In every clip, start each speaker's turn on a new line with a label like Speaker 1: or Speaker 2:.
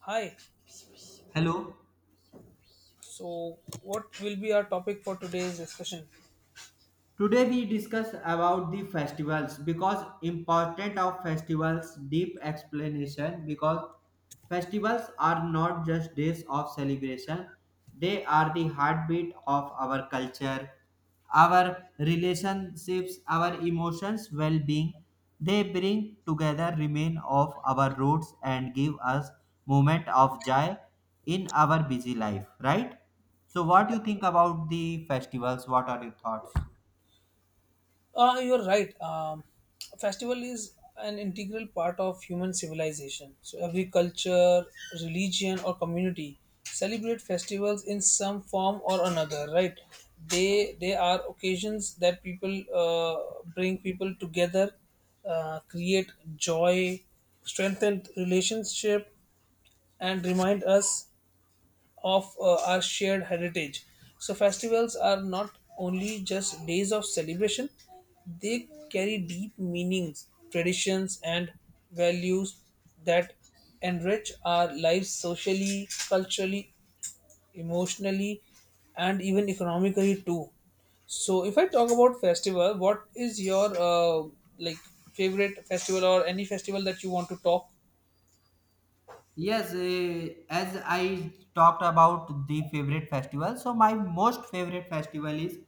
Speaker 1: Hi.
Speaker 2: Hello.
Speaker 1: So, what will be our topic for today's discussion?
Speaker 2: Today we discuss about the festivals because important of festivals deep explanation because festivals are not just days of celebration, they are the heartbeat of our culture, our relationships, our emotions, well-being. They bring together remain of our roots and give us moment of joy in our busy life, right? So what do you think about the festivals? What are your thoughts?
Speaker 1: Ah, you're right. Festival is an integral part of human civilization. So, every culture, religion, or community celebrate festivals in some form or another. Right? They are occasions that people bring people together, create joy, strengthen relationship, and remind us of our shared heritage. So festivals are not only just days of celebration, they carry deep meanings, traditions, and values that enrich our lives socially, culturally, emotionally, and even economically too. So if I talk about festival, what is your like favorite festival or any festival that you want to talk?
Speaker 2: Yes, as I talked about the favorite festival, so my most favorite festival is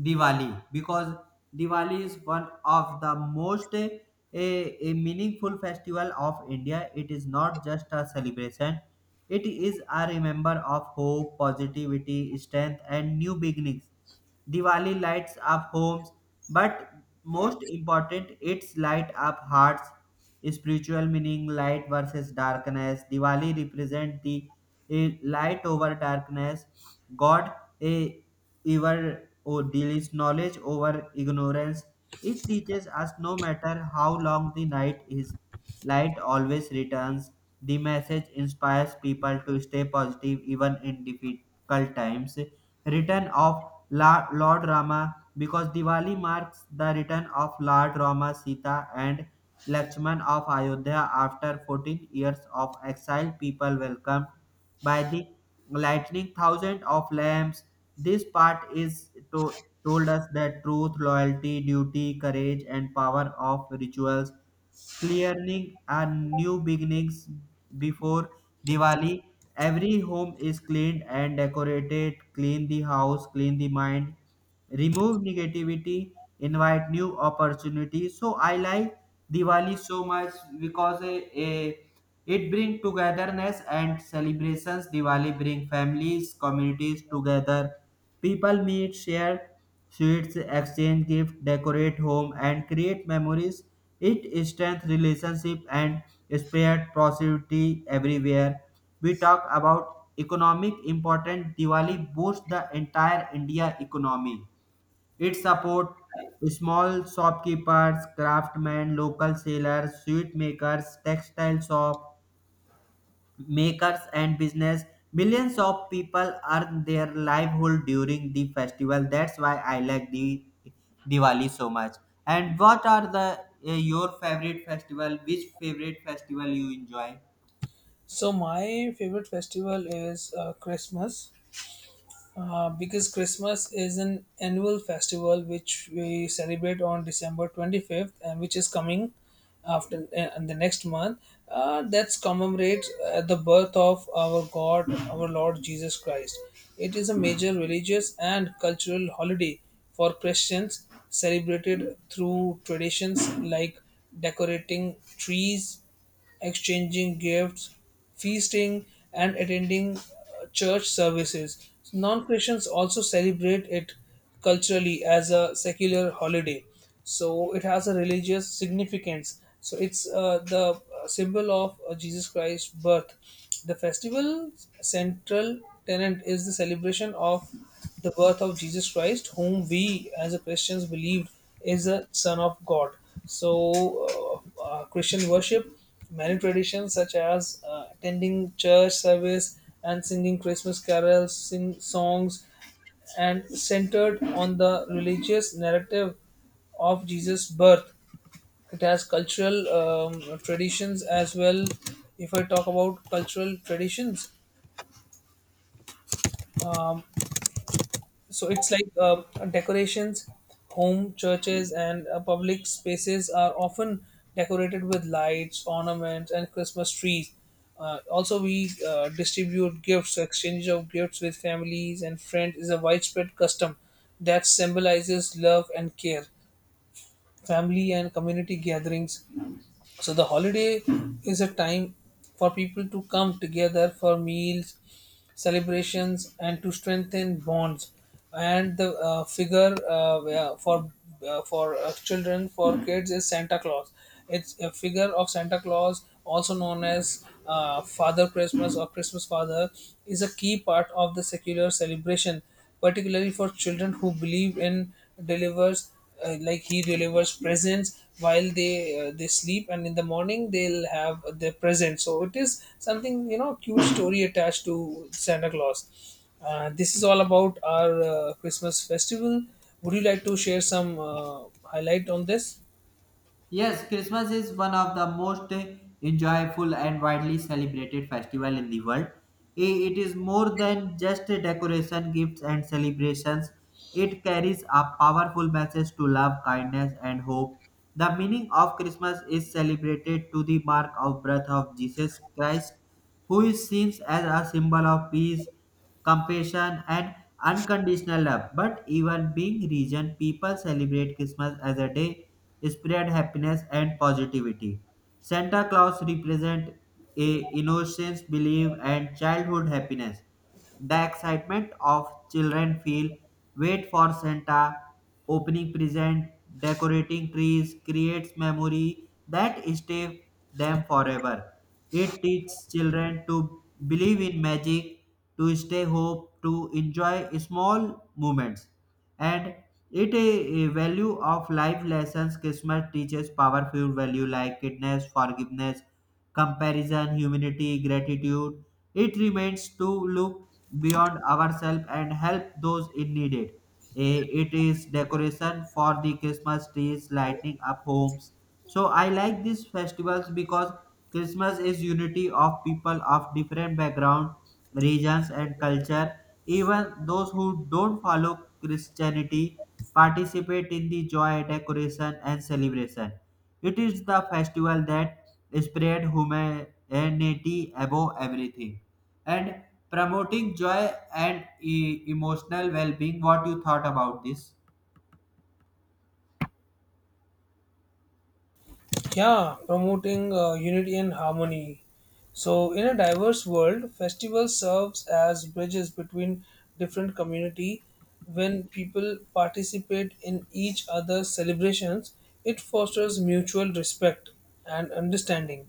Speaker 2: Diwali because Diwali is one of the most eh, a meaningful festival of India. It is not just a celebration; it is a remember of hope, positivity, strength, and new beginnings. Diwali lights up homes, but most important, it's light up hearts. Spiritual meaning light versus darkness. Diwali represent the light over darkness. God a ever or deals knowledge over ignorance. It teaches us no matter how long the night is, light always returns. The message inspires people to stay positive even in difficult times. Return of Lord Rama because Diwali marks the return of Lord Rama, Sita, and Lakshman of Ayodhya after 14 years of exile. People welcomed by the lightning thousand of lamps. This part is told us that truth, loyalty, duty, courage, and power of rituals clearing and new beginnings before Diwali. Every home is cleaned and decorated. Clean the house, clean the mind, remove negativity, invite new opportunities. So I like Diwali so much because it brings togetherness and celebrations. Diwali bring families, communities together. People meet, share sweets, exchange gifts, decorate home, and create memories. It strengthens relationship and spread prosperity everywhere. We talk about economic importance. Diwali boosts the entire India economy. It supports small shopkeepers, craftsmen, local sellers, sweet makers, textile shop, makers and business, millions of people earn their livelihood during the festival. That's why I like the Diwali so much. And what are the your favorite festival? Which favorite festival you enjoy?
Speaker 1: So my favorite festival is Christmas. Because Christmas is an annual festival which we celebrate on December 25th and which is coming after and the next month, that's commemorates the birth of our God, our Lord Jesus Christ. It is a major religious and cultural holiday for Christians, celebrated through traditions like decorating trees, exchanging gifts, feasting, and attending church services. Non Christians also celebrate it culturally as a secular holiday. So it has a religious significance. So it's the symbol of Jesus Christ's birth. The festival's central tenet is the celebration of the birth of Jesus Christ, whom we as a Christians believe is the Son of God. So, Christian worship. Many traditions, such as attending church service and singing Christmas carols, sing songs, and centered on the religious narrative of Jesus' birth. It has cultural traditions as well. If I talk about cultural traditions, so it's like decorations, home, churches, and public spaces are often decorated with lights, ornaments, and Christmas trees. Also we distribute gifts. Exchange of gifts with families and friends is a widespread custom that symbolizes love and care, family and community gatherings. So the holiday is a time for people to come together for meals, celebrations, and to strengthen bonds. And the figure, yeah, for children, for kids is Santa Claus. It's a figure of Santa Claus, also known as Father Christmas or Christmas Father, is a key part of the secular celebration, particularly for children who believe in delivers, like he delivers presents while they sleep, and in the morning they'll have their present. So it is something, cute story attached to Santa Claus. This is all about our Christmas festival. Would you like to share some highlight on this?
Speaker 2: Yes, Christmas is one of the most enjoyable and widely celebrated festival in the world. It is more than just a decoration, gifts and celebrations. It carries a powerful message to love, kindness and hope. The meaning of Christmas is celebrated to the mark of birth of Jesus Christ, who is seen as a symbol of peace, compassion and unconditional love. But even being region, people celebrate Christmas as a day spread happiness and positivity. Santa Claus represents a innocence, belief, and childhood happiness. The excitement of children feel, wait for Santa, opening present, decorating trees creates memory that stay them forever. It teaches children to believe in magic, to stay hope, to enjoy small moments. And it a value of life lessons. Christmas teaches powerful value like kindness, forgiveness, comparison, humanity, gratitude. It remains to look beyond ourselves and help those in need. It It is decoration for the Christmas trees, lighting up homes. So I like these festivals because Christmas is unity of people of different background, regions, and culture. Even those who don't follow Christianity participate in the joy, decoration, and celebration. It is the festival that spread humanity above everything and promoting joy and emotional well-being. What you thought about this?
Speaker 1: Yeah, promoting unity and harmony. So, in a diverse world, festival serves as bridges between different community. When people participate in each other's celebrations, it fosters mutual respect and understanding.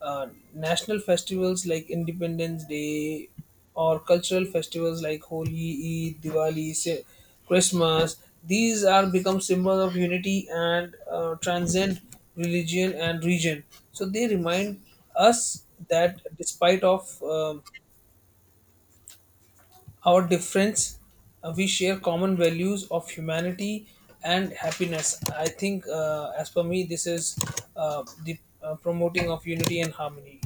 Speaker 1: uh, National festivals like Independence Day or cultural festivals like Holi, Eid, Diwali, Christmas. These are become symbols of unity, and transcend religion and region. So they remind us that despite of our difference, we share common values of humanity and happiness. I think, as per me, this is the promoting of unity and harmony.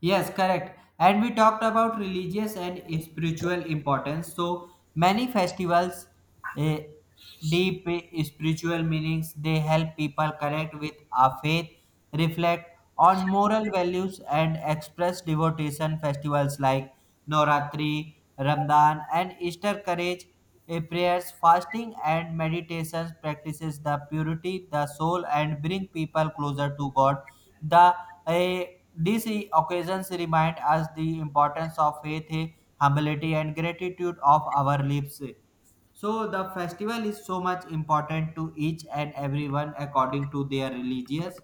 Speaker 2: Yes, correct. And we talked about religious and spiritual importance. So many festivals, eh, deep spiritual meanings, they help people connect with our faith, reflect on moral values, and express devotion. Festivals like Noratri, Ramadan, and Easter courage prayers, fasting, and meditations practices the purity, the soul, and bring people closer to God. The eh, these occasions remind us the importance of faith, humility, and gratitude of our lives. So the festival is so much important to each and everyone according to their religious.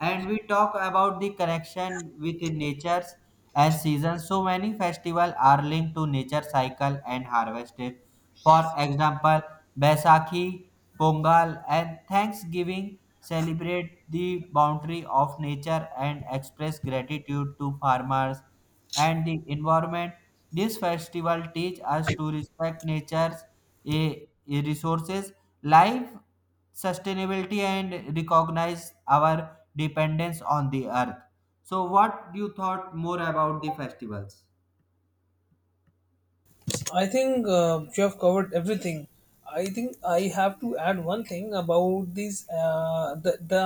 Speaker 2: And we talk about the connection with natures and seasons. So many festivals are linked to nature cycle and harvested. For example, Baisakhi, Pongal, and Thanksgiving celebrate the boundary of nature and express gratitude to farmers and the environment. This festival teach us to respect nature's a resources, life sustainability, and recognize our dependence on the earth. So, what you thought more about the festivals?
Speaker 1: I think you have covered everything. I think I have to add one thing about this. The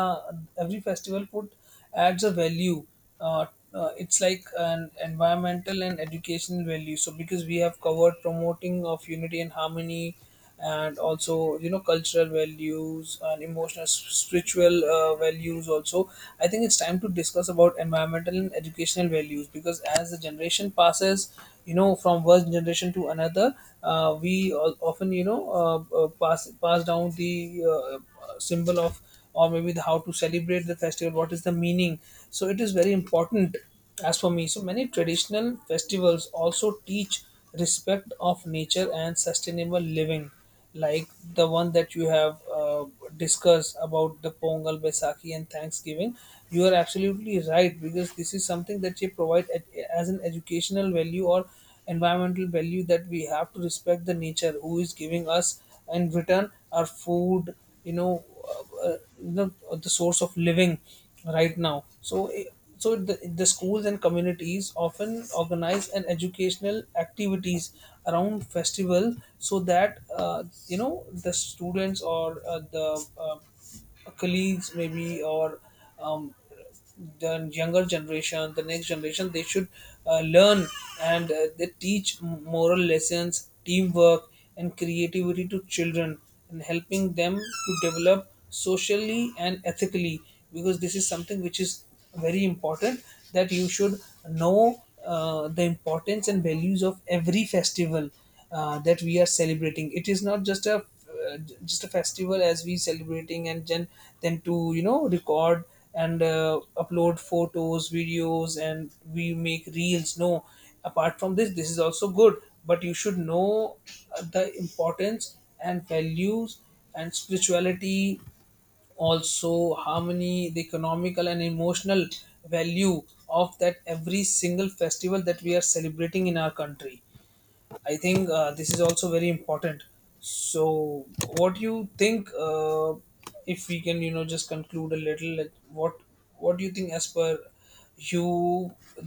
Speaker 1: every festival put adds a value. Uh, it's like an environmental and educational value. So because we have covered promoting of unity and harmony, and also, cultural values and emotional, spiritual values also, I think it's time to discuss about environmental and educational values, because as the generation passes, you know, from one generation to another, we often, you know, pass down the symbol of, or maybe the how to celebrate the festival, what is the meaning. So it is very important. As for me, so many traditional festivals also teach respect of nature and sustainable living, like the one that you have discussed about the Pongal, Baisakhi, and Thanksgiving. You are absolutely right, because this is something that they provide at, as an educational value or environmental value, that we have to respect the nature who is giving us in return our food, you know the source of living right now. So. So the schools and communities often organize an educational activities around festival, so that, you know, the students or the colleagues maybe, or um, the younger generation, the next generation, they should learn, and they teach moral lessons, teamwork, and creativity to children, and helping them to develop socially and ethically, because this is something which is very important, that you should know the importance and values of every festival that we are celebrating. It is not just a just a festival, as we celebrating, and then to, you know, record and upload photos, videos, and we make reels. No, apart from this, this is also good, but you should know the importance and values and spirituality, also harmony, the economical and emotional value of that every single festival that we are celebrating in our country. I think this is also very important. So what do you think, if we can, you know, just conclude a little, like what what do you think as per you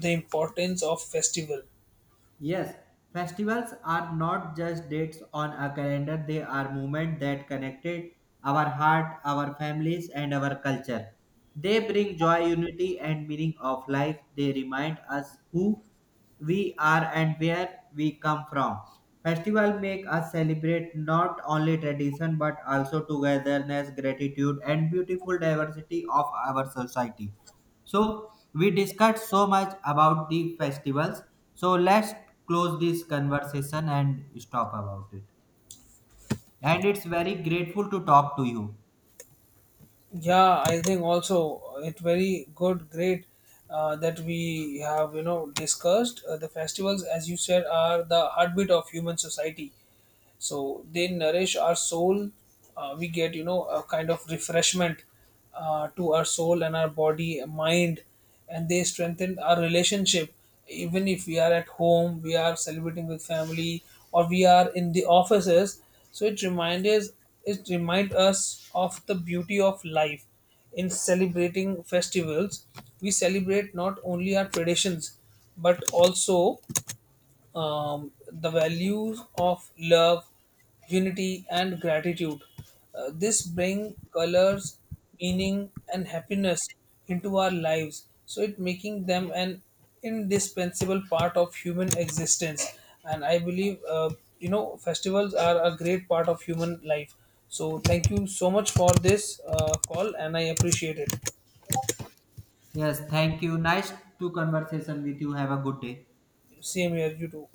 Speaker 1: the importance of festival?
Speaker 2: Yes, festivals are not just dates on a calendar, they are movements that connected our heart, our families, and our culture. They bring joy, unity, and meaning of life. They remind us who we are and where we come from. Festival make us celebrate not only tradition but also togetherness, gratitude, and beautiful diversity of our society. So we discussed so much about the festivals. So let's close this conversation and stop about it. And it's very grateful to talk to you.
Speaker 1: Yeah, I think also it's very good, great, that we have, you know, discussed the festivals. As you said, are the heartbeat of human society, so they nourish our soul. We get, you know, a kind of refreshment to our soul and our body, mind, and they strengthen our relationship. Even if we are at home, we are celebrating with family, or we are in the offices. So it reminds us, it remind us of the beauty of life. In celebrating festivals, we celebrate not only our traditions, but also the values of love, unity, and gratitude. This bring colors, meaning, and happiness into our lives. So it making them an indispensable part of human existence. And I believe, you know, festivals are a great part of human life. So thank you so much for this call, and I appreciate it.
Speaker 2: Yes, thank you. Nice to conversation with you. Have a good day.
Speaker 1: Same here, you too.